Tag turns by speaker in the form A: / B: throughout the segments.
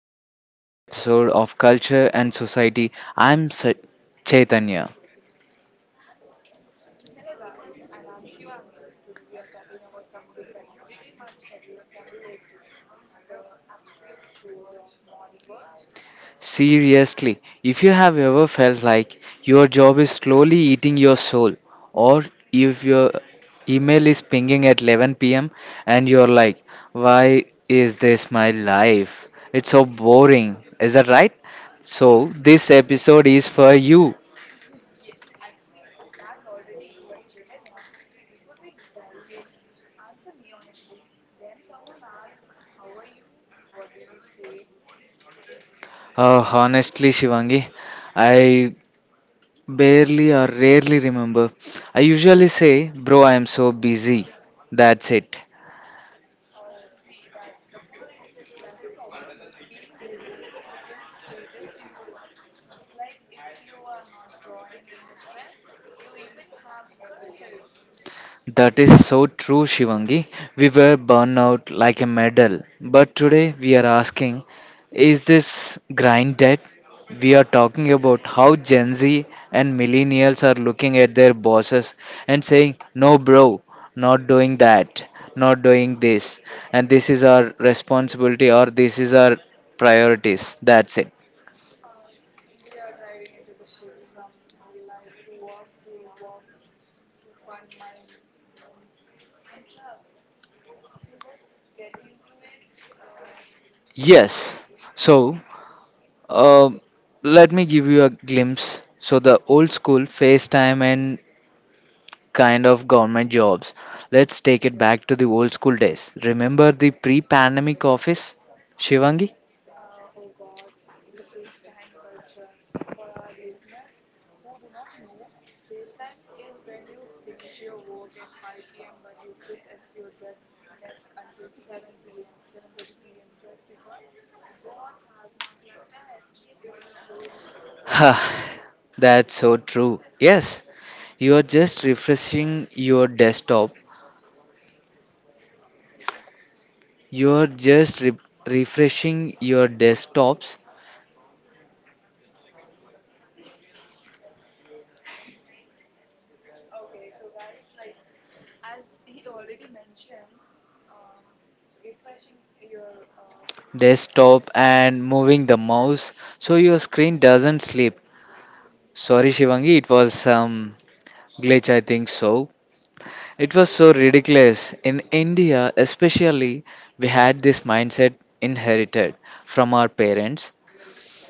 A: back to another episode of Culture and Society. Chaitanya.
B: Hello, guys, and I'm Shivangi. Today, we are talking about something that pretty much everyone can relate to the absolute chores of modern work.
A: Seriously, if you have ever felt like your job is slowly eating your soul, or if your email is pinging at 11 pm and you're like, why is this my life? It's so boring. Is that right? So, this episode is for you.
B: yes, I feel attacked already, but Chaitanya, before we dive in, answer me honestly. When someone asks, how are you? What do you say?
A: Honestly, Shivangi, I barely or rarely remember. I usually say, bro, I am so busy. That's it.
B: Oh, see, that's the point. That's the problem. Like being busy has become a status symbol. It's like if you are not drawing in stress, you even have a career.
A: That is so true, Shivangi. We were burned out like a medal. But today we are asking, is this grind dead? We are talking about how Gen Z and millennials are looking at their bosses and saying, no, bro, not doing that, not doing this. And this is our responsibility or this is our priorities. That's it.
B: Uh, we are driving into the shift from life to work to work to fund my moms and travel. So let's get into it.
A: Yes. So, uh, let me give you a glimpse. So, the old school FaceTime and kind of government jobs. Let's take it back to the old school days. Remember the pre pandemic office, Shivangi?
B: Oh God, the FaceTime culture. For our listeners who do not know, FaceTime is when you finish your work at 5 p.m. but you sit at your desk until 7 p.m., 7:30 p.m. just because the boss has not left yet.
A: Ha, that's so true. Yes, you are just refreshing your desktop. You are refreshing your desktops,
B: Okay, so guys, like as he already mentioned, um, refreshing your
A: desktop, and
B: desktops.
A: moving the mouse so your screen doesn't sleep. Sorry, Shivangi, it was some glitch, I think so. It was
B: Okay,
A: so
B: do.
A: ridiculous. In India, especially, we had this mindset inherited from our parents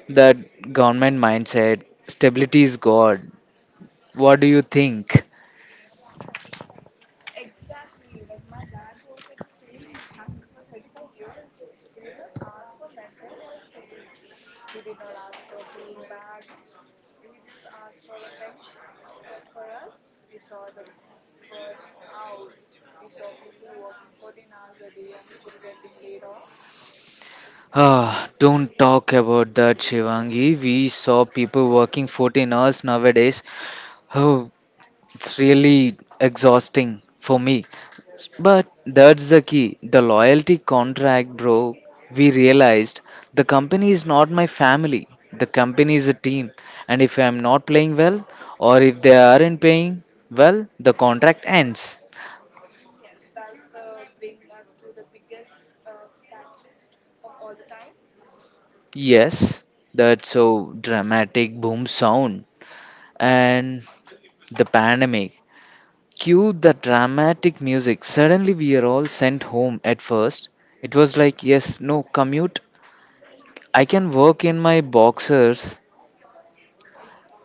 A: that government mindset, stability is God. What do you think?
B: Exactly. Like my dad worked at the same bank for 35 years. He did not ask for mental health days. He did not ask for bean bags. He just asked for a pension. But for us, we saw the burn out. We saw people working 14 hours a day and still getting laid off.
A: Ah, don't talk about that, Shivangi. We saw people working 14 hours nowadays. Oh, it's really exhausting for me. But that's the key the loyalty contract, bro. We realized the company is not my family, the company is a team. And if I'm not playing well, or if they aren't paying well, the contract ends.
B: Yes, that's the bring us to the biggest catalyst of all the time.
A: Yes, that's so dramatic boom sound. And the pandemic. Cue the dramatic music. Suddenly, we are all sent home at first. It was like, yes, no, commute I can work in my boxers.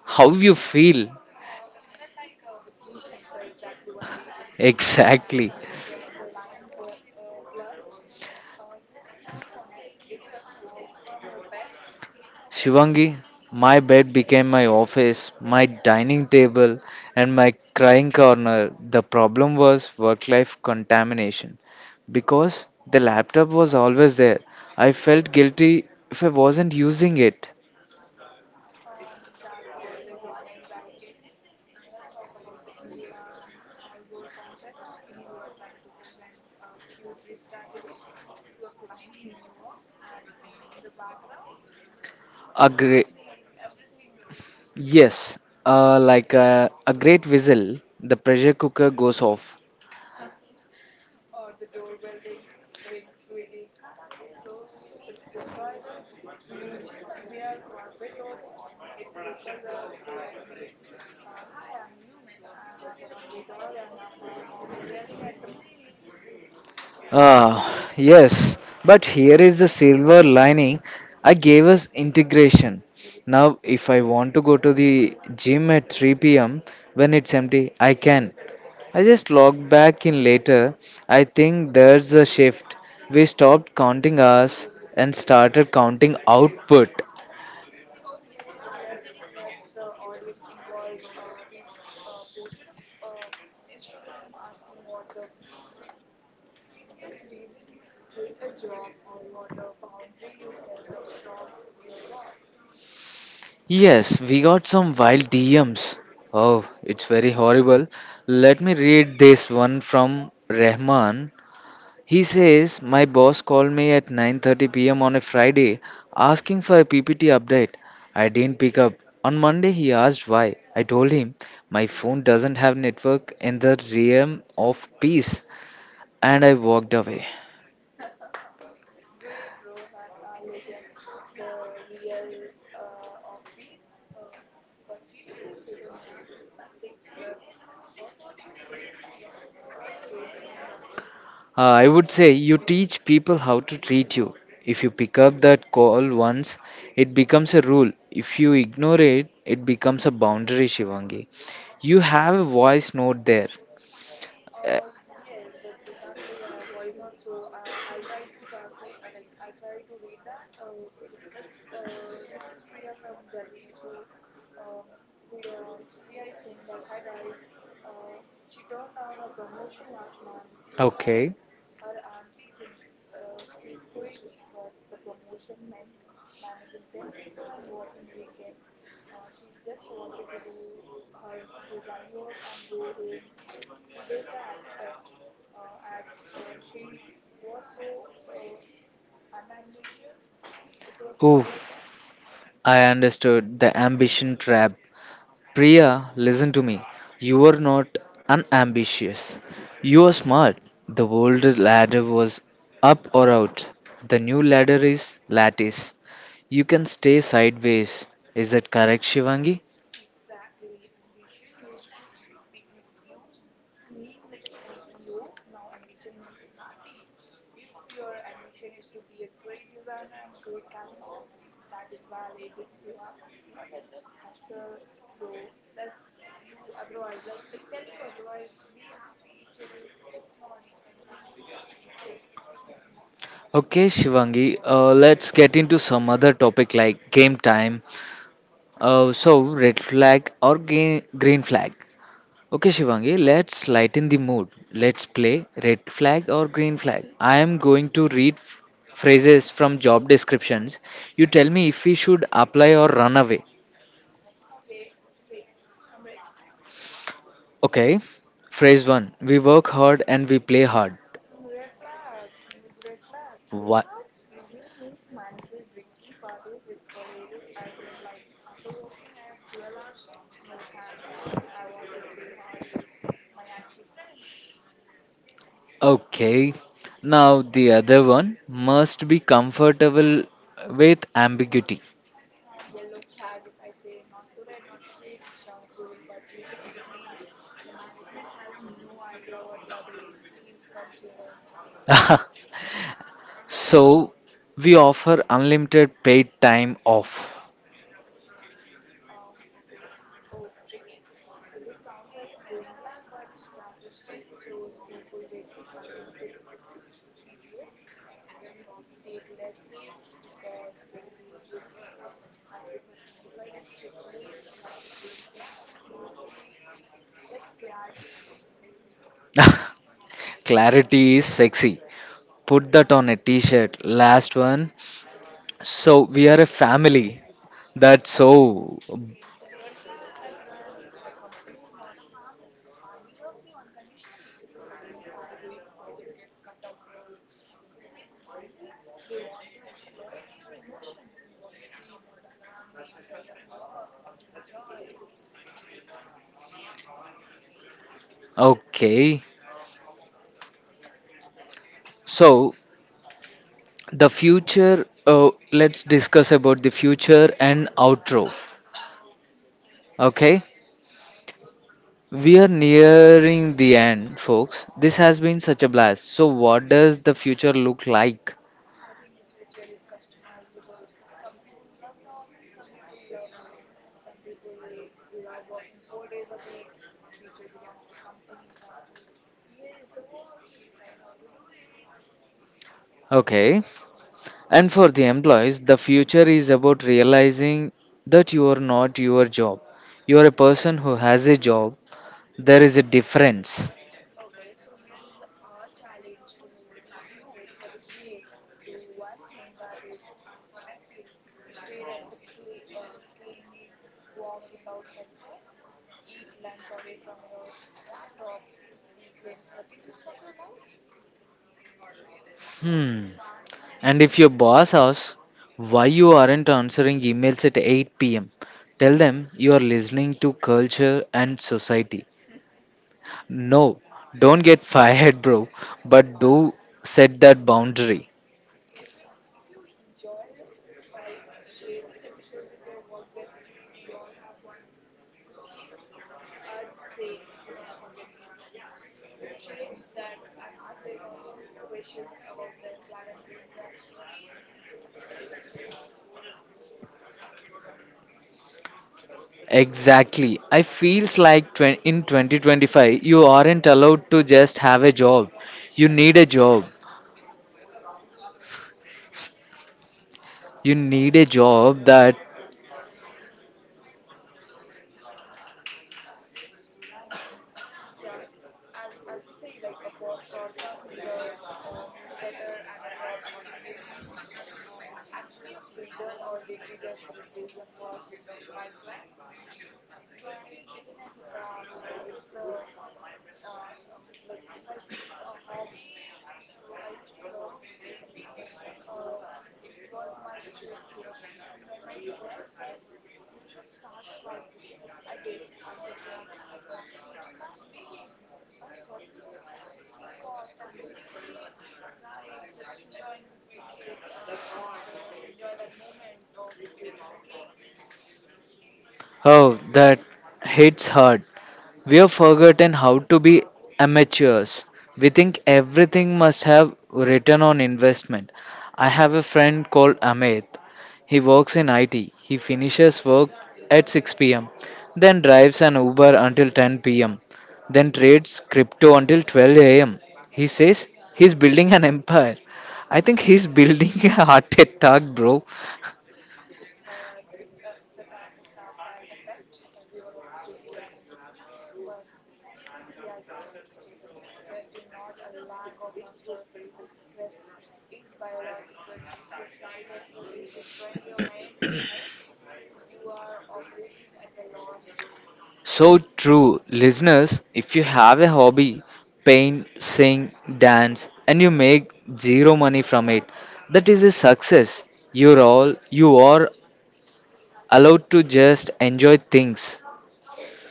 A: How you feel?
B: It felt like a vacation for exactly 1 week,
A: Exactly.
B: and then the line blurred. Chaitanya, be honest, did you ever work from your bed?
A: Shivangi, my bed became my office, my dining table, and my crying corner. The problem was work life contamination. Because the laptop was always there, I felt guilty if I wasn't using it.
B: That's always on anxiety. And let's talk about the Indian household context. You are trying to present a Q3 strategy to a client in New York, and in the background, things are
A: A great,
B: happening, everything.
A: yes, like a great whistle, the pressure cooker goes off.
B: Or the doorbell rings, swiggy, khana le lo. It's destroy the illusion that we are corporate robot. It focuses us to admit, hi, I'm a human. I have a hungry dog, and my mom is yelling at the maid.
A: Uh, yes, but here is the silver lining. I gave us integration. Now, if I want to go to the gym at 3 pm when it's empty, I can. I just log back in later. I think there's a shift. We stopped counting hours and started counting output.
B: Okay, let's the audience involved. We posted a uh, Instagram asking what the prettiest reason you quit a job or what a boundary you set that shocked your boss.
A: Yes, we got some wild DMs. Oh, it's very horrible. Let me read this one from Rahman. He says my boss called me at 9:30 p.m. on a Friday asking for a PPT update. I didn't pick up. On Monday he asked why. I told him my phone doesn't have network in the realm of peace and I walked away.
B: Great, Rohan, a legend, the real of peace. But seriously, Chaitanya, that takes guts. What would you say to people who are scared to do that?
A: I would say you teach people how to treat you. If you pick up that call once, it becomes a rule. If you ignore it, it becomes a boundary, Shivangi. You have a voice note there.
B: Yes, but we can't play a voice note, so I'll try to translate. Like I try to read that. Let's. This is Priya from Delhi. So, Priya is saying that hi guys. She turned down a promotion last month
A: Okay.
B: as her auntie think she's crazy, but the promotion meant managing 10 people and working weekend. She just wanted to do her design work and go home to their cat pet as she was so unambitious, it was called like that.
A: Oof, I understood the ambition trap. Priya, listen to me. You are not unambitious. You are smart. The old ladder was up or out. The new ladder is lattice. You can stay sideways. Is that correct, Shivangi?
B: Exactly. Ambition used to be used to mean like CEO. Now ambition means happy. If your ambition is to be a great designer and great cat mom, that is valid, Priya. Do not let just hustle, bro. Let's you otherwise let like tell you otherwise. Be happy, chill. It's not anything, bro. Just chill.
A: Okay, Shivangi, let's get into some other topic like game time. So, red flag or game, green flag? Okay, Shivangi, let's lighten the mood. Let's play red flag or green flag. I am going to phrases from job descriptions. You tell me if we should apply or run away.
B: Okay, let's play. I'm ready.
A: Okay. Phrase 1, we work hard and we play hard.
B: Mm, red flag, huge red flag. Play
A: What?
B: hard usually means mandatory drinking parties with colleagues. I do not like. After working a 12-hour shift, no thanks. I want to play hard with my actual friends.
A: Okay. Now, the other one must be comfortable with ambiguity.
B: Yellow flag, if I say not so red, not so green, it sounds cool, but usually it means the management has no idea what they are doing. Please come save us.
A: So we offer unlimited paid time off.
B: Oh, okay. Oh, tricky. So this sounds like a green flag, but statistics shows people with unlimited PTO actually take less leave because they feel guilty. I prefer 25 days fixed leaves. That's a green flag. Classy, like clarity is a sexy, bro.
A: Clarity is sexy. Put that on a t-shirt. Last one. So we are a family. That's
B: Uh,
A: so
B: Crimson red flag, run. A company is not a family. A family loves you unconditionally. A company fires you if budget gets cut off, bro. If they say family, they want to exploit your emotion. We want a team, not a family. We are here to work, not to enjoy.
A: okay. So the future. Let's discuss about the future and outro. Okay. We are nearing the end, folks. This has been such a blast. So, what does the future look like?
B: I think the future is customizable. Some people love the office, some people love home, some people love working 4 days a week. The future belongs to companies that says, here is the work, you decide how to do it.
A: Okay. And for the employees, the future is about realizing that you are not your job. You are a person who has a job. There is a difference.
B: Okay, so here is our challenge to you for this week. Do one thing that is unproductive. Stare at the clinging walk without headphones. Eat lunch away from your laptop. Reclaim 30 minutes of your life.
A: Hmm. And if your boss asks why you aren't answering emails at 8 pm, tell them you are listening to culture and society. No, don't get fired, bro, but do set that boundary.
B: If you if you enjoy this vibe, share this episode with your work bestie. We all have one who keep us sane. Do not forget to share that and ask them questions about red flag and green flag stories.
A: Exactly. I feels like in 2025 you aren't allowed to just have a job. You need a job. You need a job that
B: Yeah, as we say, like a podcast need a newsletter and a drop shipping business. It's actually a freedom, or did we just replace one boss with a five client? Basically, Chaitanya, it's a trap. It's the Like if I say it's a hobby, I used to love baking. Uh, it was my therapy, and then my friend said, "You should start cloud kitchen." I did, and guess what? I started hating baking. I was worrying about packaging cost and delivery guy instead of enjoying the cake and the enjoy that moment of baking a cake.
A: oh that hits hard. We have forgotten how to be amateurs. We think everything must have return on investment. I have a friend called Amit. He works in IT. He finishes work at 6 pm, then drives an Uber until 10 pm, then trades crypto until 12 am. He says he's building an empire. I think he's building a heart attack, bro.
B: It's a shark tag effect. Everyone wants to be an entrepreneur, but here is the reality check, Chaitanya. Rest is not a lack of hustle. Rest is biological. If your side hustle is destroying your main health, you are operating at a loss, bro.
A: So true. Listeners, if you have a hobby, paint, sing, dance, and you make zero money from it, that is a success. You're all you are allowed to just enjoy things.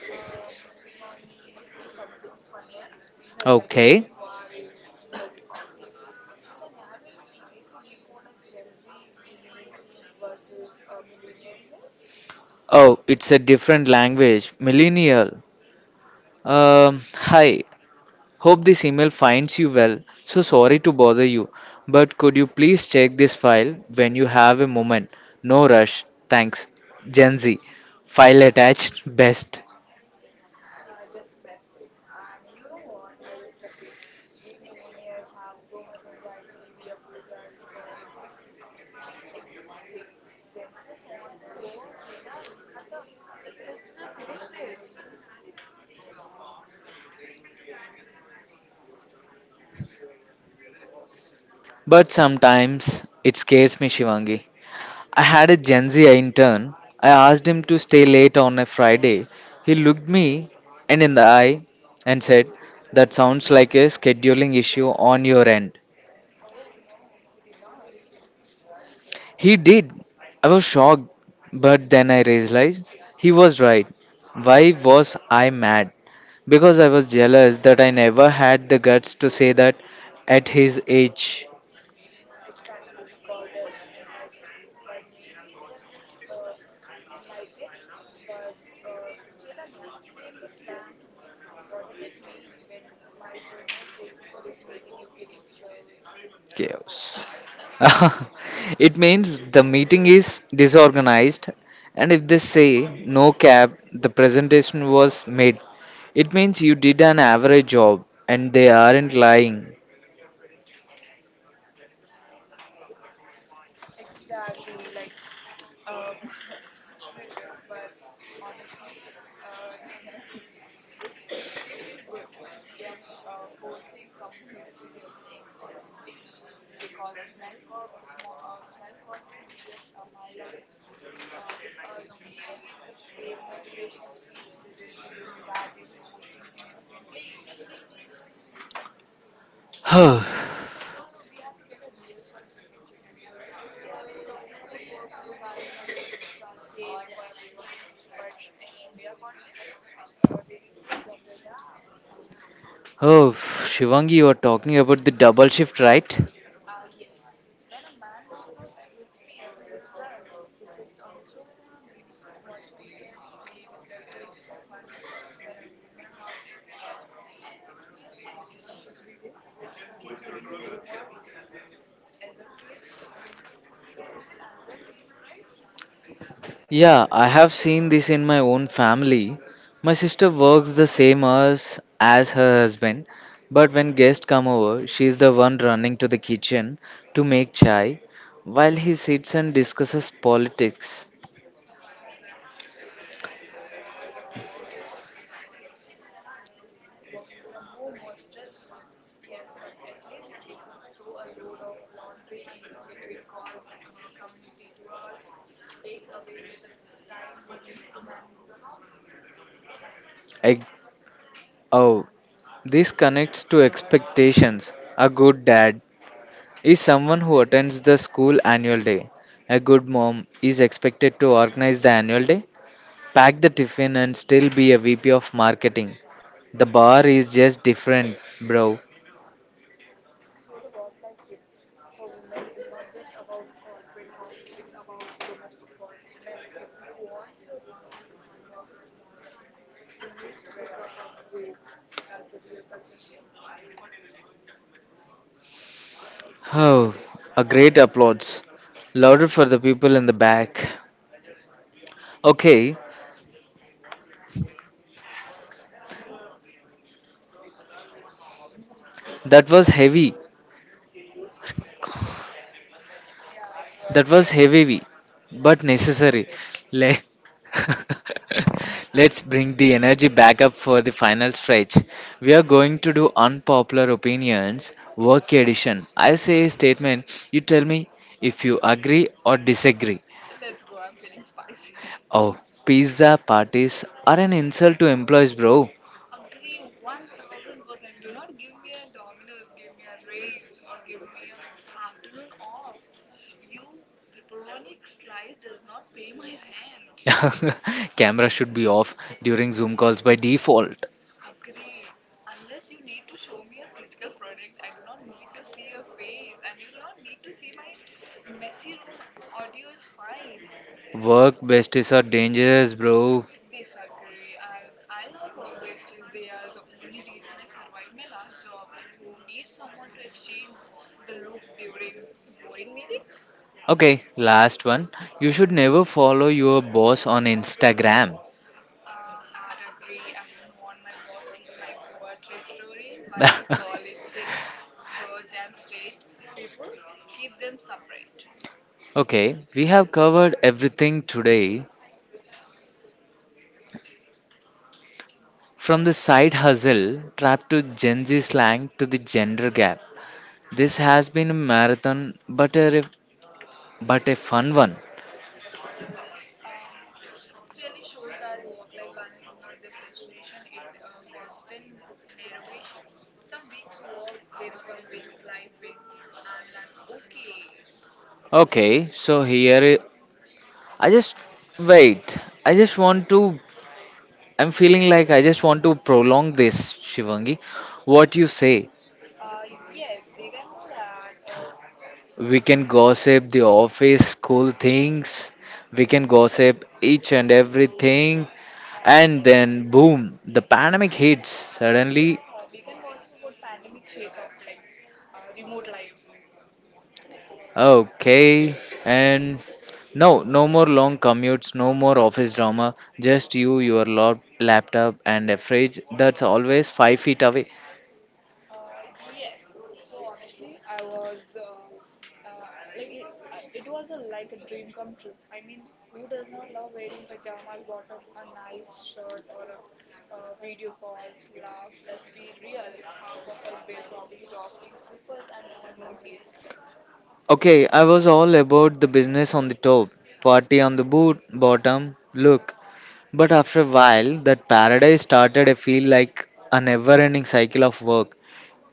B: Moving on to something funnier, the
A: Okay.
B: generation war is in the office. Chaitanya, have you ever tried to decode a Gen Z email versus a millennial email?
A: Oh, it's a different language. Millennial. Hi. Hope this email finds you well. So sorry to bother you, but could you please check this file when you have a moment? No rush. Thanks. Gen Z. File attached. Best.
B: Best. Just best. And you know what? I respect it. We millennials have so much anxiety. We apologize for exist like existing. Gen Z just want to work. Done. Khatam. Let's just finish this.
A: But sometimes it scares me, Shivangi. I had a Gen Z intern. I asked him to stay late on a Friday. He looked me and in the eye and said, that sounds like a scheduling issue on your end.
B: Oh, no, he did not.
A: He did. I was shocked, but then I realized he was right. Why was I mad? Because I was jealous that I never had the guts to say that at his age.
B: Exactly, we call them entitled, but maybe they are just enlightened. But Chaitanya, explain the slang to me. What does it mean when my junior says this meeting is giving chills?
A: Chaos. It means the meeting is disorganized, and if they say no cab, the presentation was made. It means you did an average job, and they aren't lying.
B: Exactly, like um, brutal, but honestly, uh, this shift is good. They are forcing companies to be authentic. They call smell corporate BS a mile away. If a CEO gives a fake motivational speech, the Gen Z group chat is roasting him instantly.
A: Oh,
B: So we have to get a real for a second, Chaitanya. We have been talking about work-life balance as if it's the same for everyone, but in India context, there is a gender gap.
A: Shivangi, you are talking about the double shift, right?
B: Yes, when a man logs off at 6 p.m., he's done. He sits on the sofa, maybe watch crickets, play with the kids for fun. When a woman logs off at 6 p.m., her second shift begins: cooking, cleaning, homework, elder cares. I mean, it's little unfair, right?
A: Yeah, I have seen this in my own family. My sister works the same hours as her husband, but when guests come over, she is the one running to the kitchen to make chai while he sits and discusses politics.
B: Exactly. So when we talk about return to office, it hits women harder. Working from home was stressful, yes, but at least they could throw a load of laundry in between calls. Community tours takes away the time they need to manage the household.
A: Ex- oh, this connects to expectations. A good dad is someone who attends the school annual day. A good mom is expected to organize the annual day, pack the tiffin and still be a VP of marketing. The bar is just different, bro.
B: So, the work life shift for women is not just about corporate policy, it's about domestic policy. Men, if you want your partner to have work life balance, you need to pick up a broom. That's the real culture shift.
A: Oh, a great applause. Louder for the people in the back. Okay, that was heavy.
B: Yeah, it
A: That
B: was
A: was
B: really.
A: heavy, but necessary. Let let's bring the energy back up for the final stretch. We are going to do unpopular opinions, work edition. I say a statement, you tell me if you agree or disagree.
B: Let's go, I'm feeling spicy.
A: Oh, pizza parties are an insult to employees, bro.
B: Agree 1000%. Do not give me a Domino's, give me a raise, or give me a afternoon off. You pepperonic slice does not pay my rent.
A: Camera should be off during Zoom calls by default.
B: Agree. Unless you need to show me a physical product, I do not need to see your face and you do not need to see my messy room. Audio is fine.
A: Work besties are dangerous, bro.
B: Disagree, as I love work besties. They are the only reason I survived my last job. You need someone to exchange the look during the boring meetings.
A: Okay, last one. You should never follow your boss on Instagram.
B: Hard agree. I don't want my boss seeing my Goa trip stories while I call it sick, church, and state. People keep them separate.
A: Okay, we have covered everything today from the side hustle trap to Gen Z slang to the gender gap. This has been a marathon but but a fun one.
B: Um, it really shows that work-life balance is not just destination, it constant navigation. Some weeks work win, some weeks life win, and that's okay.
A: Okay, so here I just wait. I just want to I'm feeling like I just want to prolong this, Shivangi. What you say?
B: Yes, we can do that.
A: We can gossip the office, school things. We can gossip each and everything. And
B: Yes.
A: then, boom, the pandemic hits. Suddenly,
B: Yeah, we can gossip about pandemic shakeup, like remote life.
A: okay. And no, no more long commutes, no more office drama. Just you, your laptop, and a fridge that's always 5 feet away.
B: Yes. So honestly, I was like it, I- it was a, like a dream come true. I mean, who does not love wearing pajamas, bottom, a nice shirt, or video calls, laughs? Let's be real. Half of us were probably rocking slippers and no one noticed.
A: Okay, I was all about the business on the top, party on the boot, bottom, look. But after a while, that paradise started to feel like a never ending cycle of work.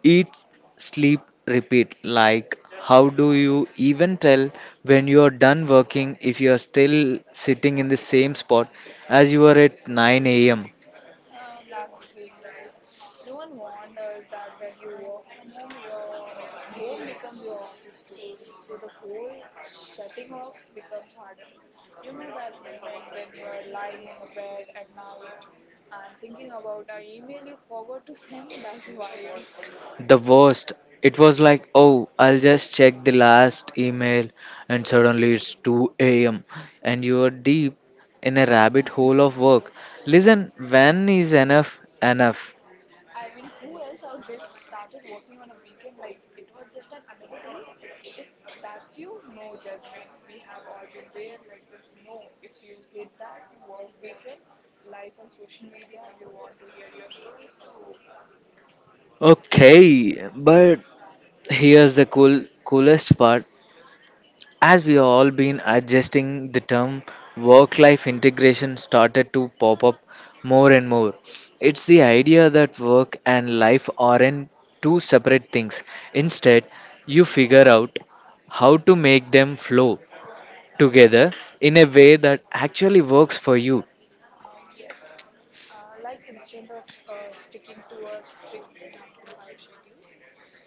A: Eat, sleep, repeat. Like, how do you even tell when you are done working if you are still sitting in the same spot as you were at 9 am?
B: That's the thing, right? No one wonders that when you work from home, your home becomes your office too. So the whole shutting off becomes harder. You know that moment when you are lying in the bed at night and thinking about a email you forgot to send? That's the vibe.
A: The worst. It was like, oh, I'll just check the last email, and suddenly it's 2 a.m. and you are deep in a rabbit hole of work. Listen, when is enough enough?
B: I mean, who else out there started working on a weekend like it was just an another day? If that's you, no judgment. We have all been there. Let's just know if you hit that work weekend life on social media. We want to hear your stories too.
A: Okay, but here's the coolest part. As we all been adjusting, the term work life integration started to pop up more and more. It's the idea that work and life aren't two separate things. Instead, you figure out how to make them flow together in a way that actually works for you.
B: Uh, yes, like instead of sticking to a strict 9 to 5 schedule,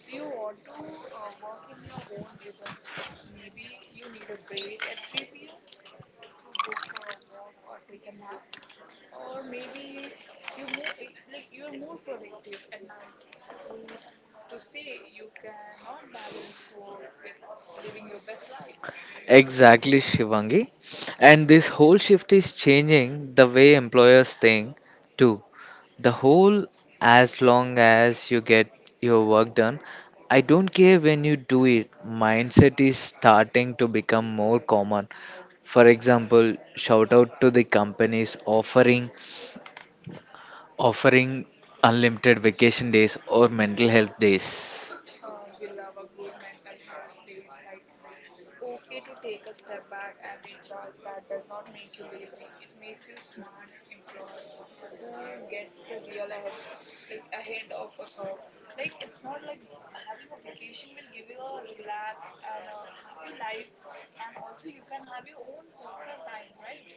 B: you want to work in your own rhythm. Maybe you need a break at 3 p.m. to go for a walk or take a nap, or maybe you more you are more productive at night. Who's to say you cannot balance work with living your best life?
A: Exactly, Shivangi. And this whole shift is changing the way employers think too. The whole, as long as you get your work done, I don't care when you do it, mindset is starting to become more common. For example, shout out to the companies offering unlimited vacation days or mental health days.
B: We love a good mental health days. Like, it's okay to take a step back and recharge. That does not make you lazy. It makes you smart employee who gets the real ahead, like ahead of a curve. Like, it's not like having a vacation will give you a relax and a happy life, and also you can have your own personal time, right?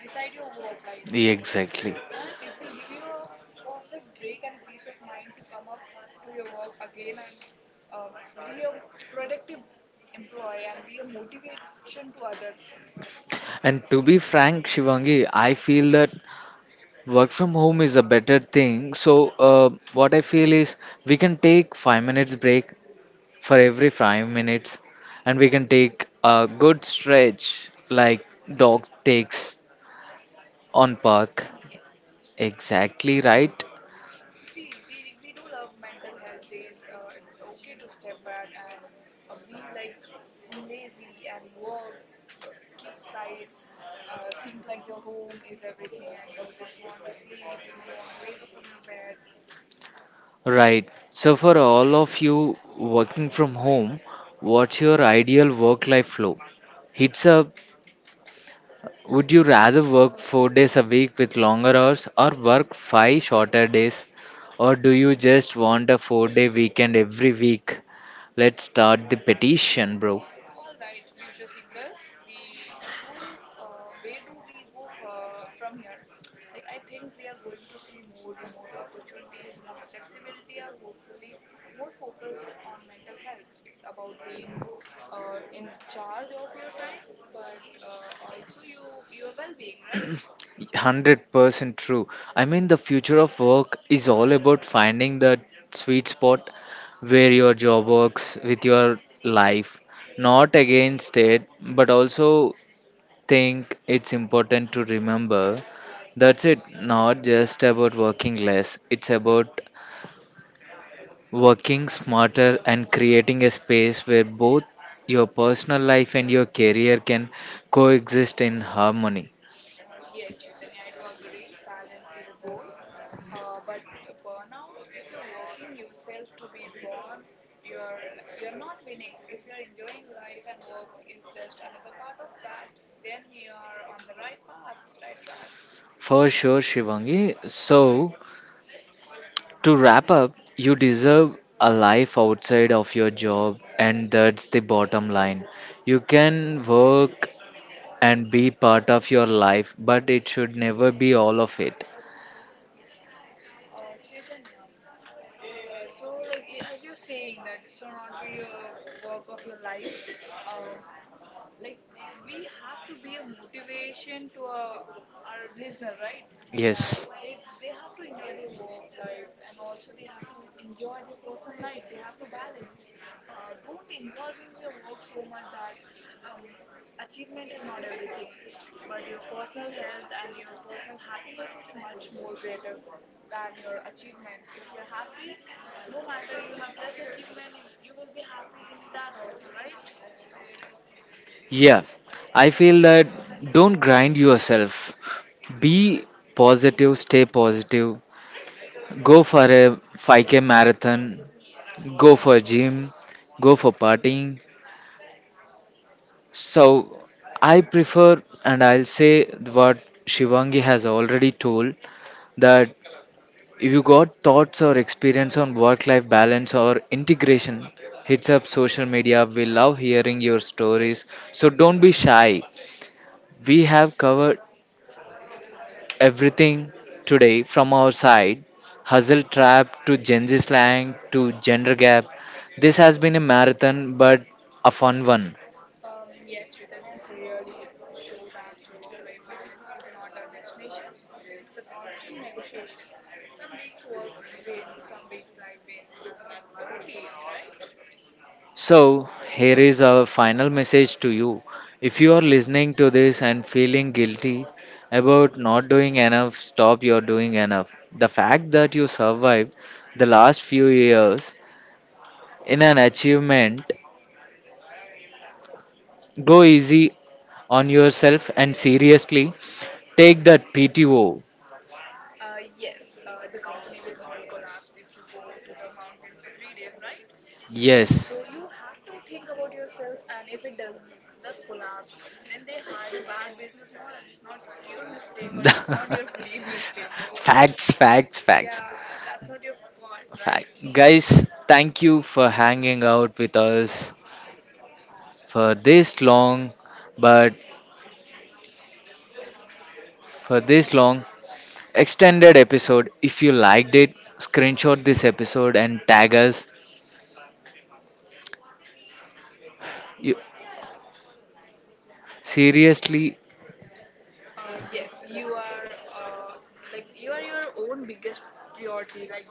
B: Beside your work life,
A: Exactly.
B: and it will give you a perfect break and a peace of mind to come up to your work again and be a productive employee and be a motivation to others.
A: And to be frank, Shivangi, I feel that work from home is a better thing. So, what I feel is we can take 5 minutes break for every 5 minutes, and we can take a good stretch like dog takes on park.
B: Yes.
A: Exactly right.
B: See, we do love mental health days. It's okay to step back and be like lazy and work, keep side, think like your home is everything and you just want to sleep. You don't want to wake up from your bed.
A: Right. So, for all of you working from home, what's your ideal work life flow? Hits up. Would you rather work 4 days a week with longer hours or work five shorter days? Or do you just want a 4 day weekend every week? Let's start the petition, bro.
B: All right, future thinkers, we do, where do we go for, from here? Like, I think we are going to see more remote opportunities, more flexibility, or hopefully more focus on mental health. It's about being in charge of your time, but also your well-being, right?
A: 100% true. I mean, the future of work is all about finding that sweet spot where your job works with your life, not against it, but also think it's important to remember that's it, not just about working less, it's about working smarter and creating a space where both your personal life and your career can coexist in harmony.
B: Yes, Chaitanya, I do agree. Balance is a goal. But burnout, if you're working yourself to be born, you're not winning. If you're enjoying life and work is just another part of that, then you are on the right path, right track.
A: For sure, Shivangi. So, to wrap up, you deserve a life outside of your job, and that's the bottom line. You can work and be part of your life, but it should never be all of it.
B: Uh, Chaitanya, so, as you're saying that this should not be a work of your life, um, like we have to be a motivation to our listener, right? That
A: Yes.
B: they have to enjoy their work life and also they have to enjoy their personal life. They have to balance. Don't involve in your work so much that um, achievement is not everything, but your personal health and your personal happiness is much more greater than your achievement. If you're happy, no matter you have less achievement, you will be happy in that also, right?
A: Yeah, I feel that don't grind yourself. Be positive, stay positive, go for a 5K marathon,
B: Yes, that's
A: go for
B: correct.
A: gym, go for partying. So I prefer, and I'll say what Shivangi has already told that if you got thoughts or experience on work life balance or integration, hits up social media. We love hearing your stories. So don't be shy. We have covered everything today from our side hustle trap to Gen Z slang to gender gap. This has been a marathon but a fun one.
B: Yes, Chaitanya, it's really show that work-life balance is not a destination. It's a constant negotiation. Some weeks works win, some weeks life wins, and that's okay, right?
A: So, here is our final message to you. If you are listening to this and feeling guilty about not doing enough, stop. You're doing enough. The fact that you survived the last few years in an achievement, go easy on yourself and seriously take that PTO.
B: Yes, the company will not collapse if you go to the mountains for 3 days, right?
A: Yes.
B: So you have to think about yourself, and if it does collapse, then they had a bad business model. It's not your mistake or it's not your belief mistake, bro.
A: Facts, facts, facts.
B: Yeah, that's not your fault, right?
A: Fact. Guys, thank you for hanging out with us for this long, but for
B: Uh,
A: this long extended episode. If you liked it, screenshot this episode and tag us. You, seriously,
B: Yes, you are you are your own biggest priority. Like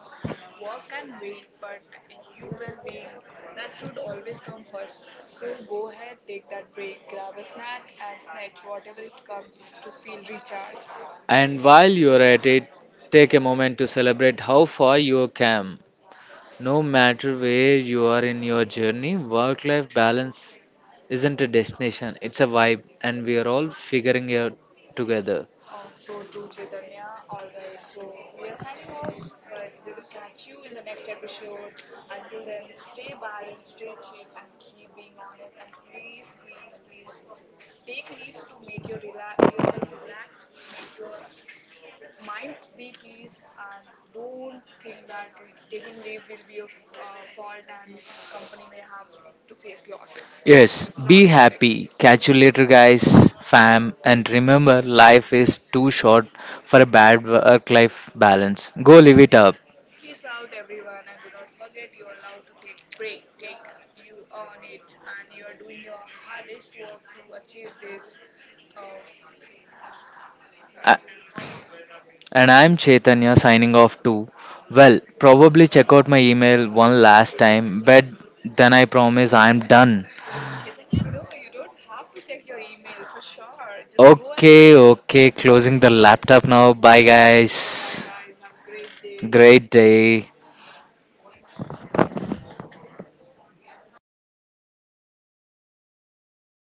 B: work can wait, but you well-being, that should always come first. So go ahead, take that break, grab a snack, and snatch whatever it comes to feel recharge.
A: and while you're at it, take a moment to celebrate how far you came. No matter where you are in your journey, work life balance isn't a destination, it's a vibe, and we are all figuring it out together.
B: Oh, so true, Chaitanya. All right, so we are signing off, but we will catch you in the next episode. Until then, stay balanced, stay chill, and keep being honest. And please, please, please take leave to make your yourself relax, make your mind be peace, and don't think that taking leave will be your fault and company may have to face losses. It's
A: Yes,
B: it's not
A: be
B: correct.
A: happy. Catch you later, guys, fam. And remember, life is too short for a bad work life balance. Go live it up.
B: Peace out, everyone, and do not forget you are allowed to take break. Take you earn it, and you are doing your hardest work to achieve this. Um,
A: A- And I'm Chaitanya signing off too. Well, probably check out my email one last time, but then I promise I'm done.
B: Chaitanya, no, you don't have to check your email for sure. Just go and
A: Okay,
B: rest.
A: okay, closing the laptop now. Bye, bye,
B: Bye bye,
A: guys. Guys.
B: guys. Have a great
A: A great day.
B: day.
A: Great day.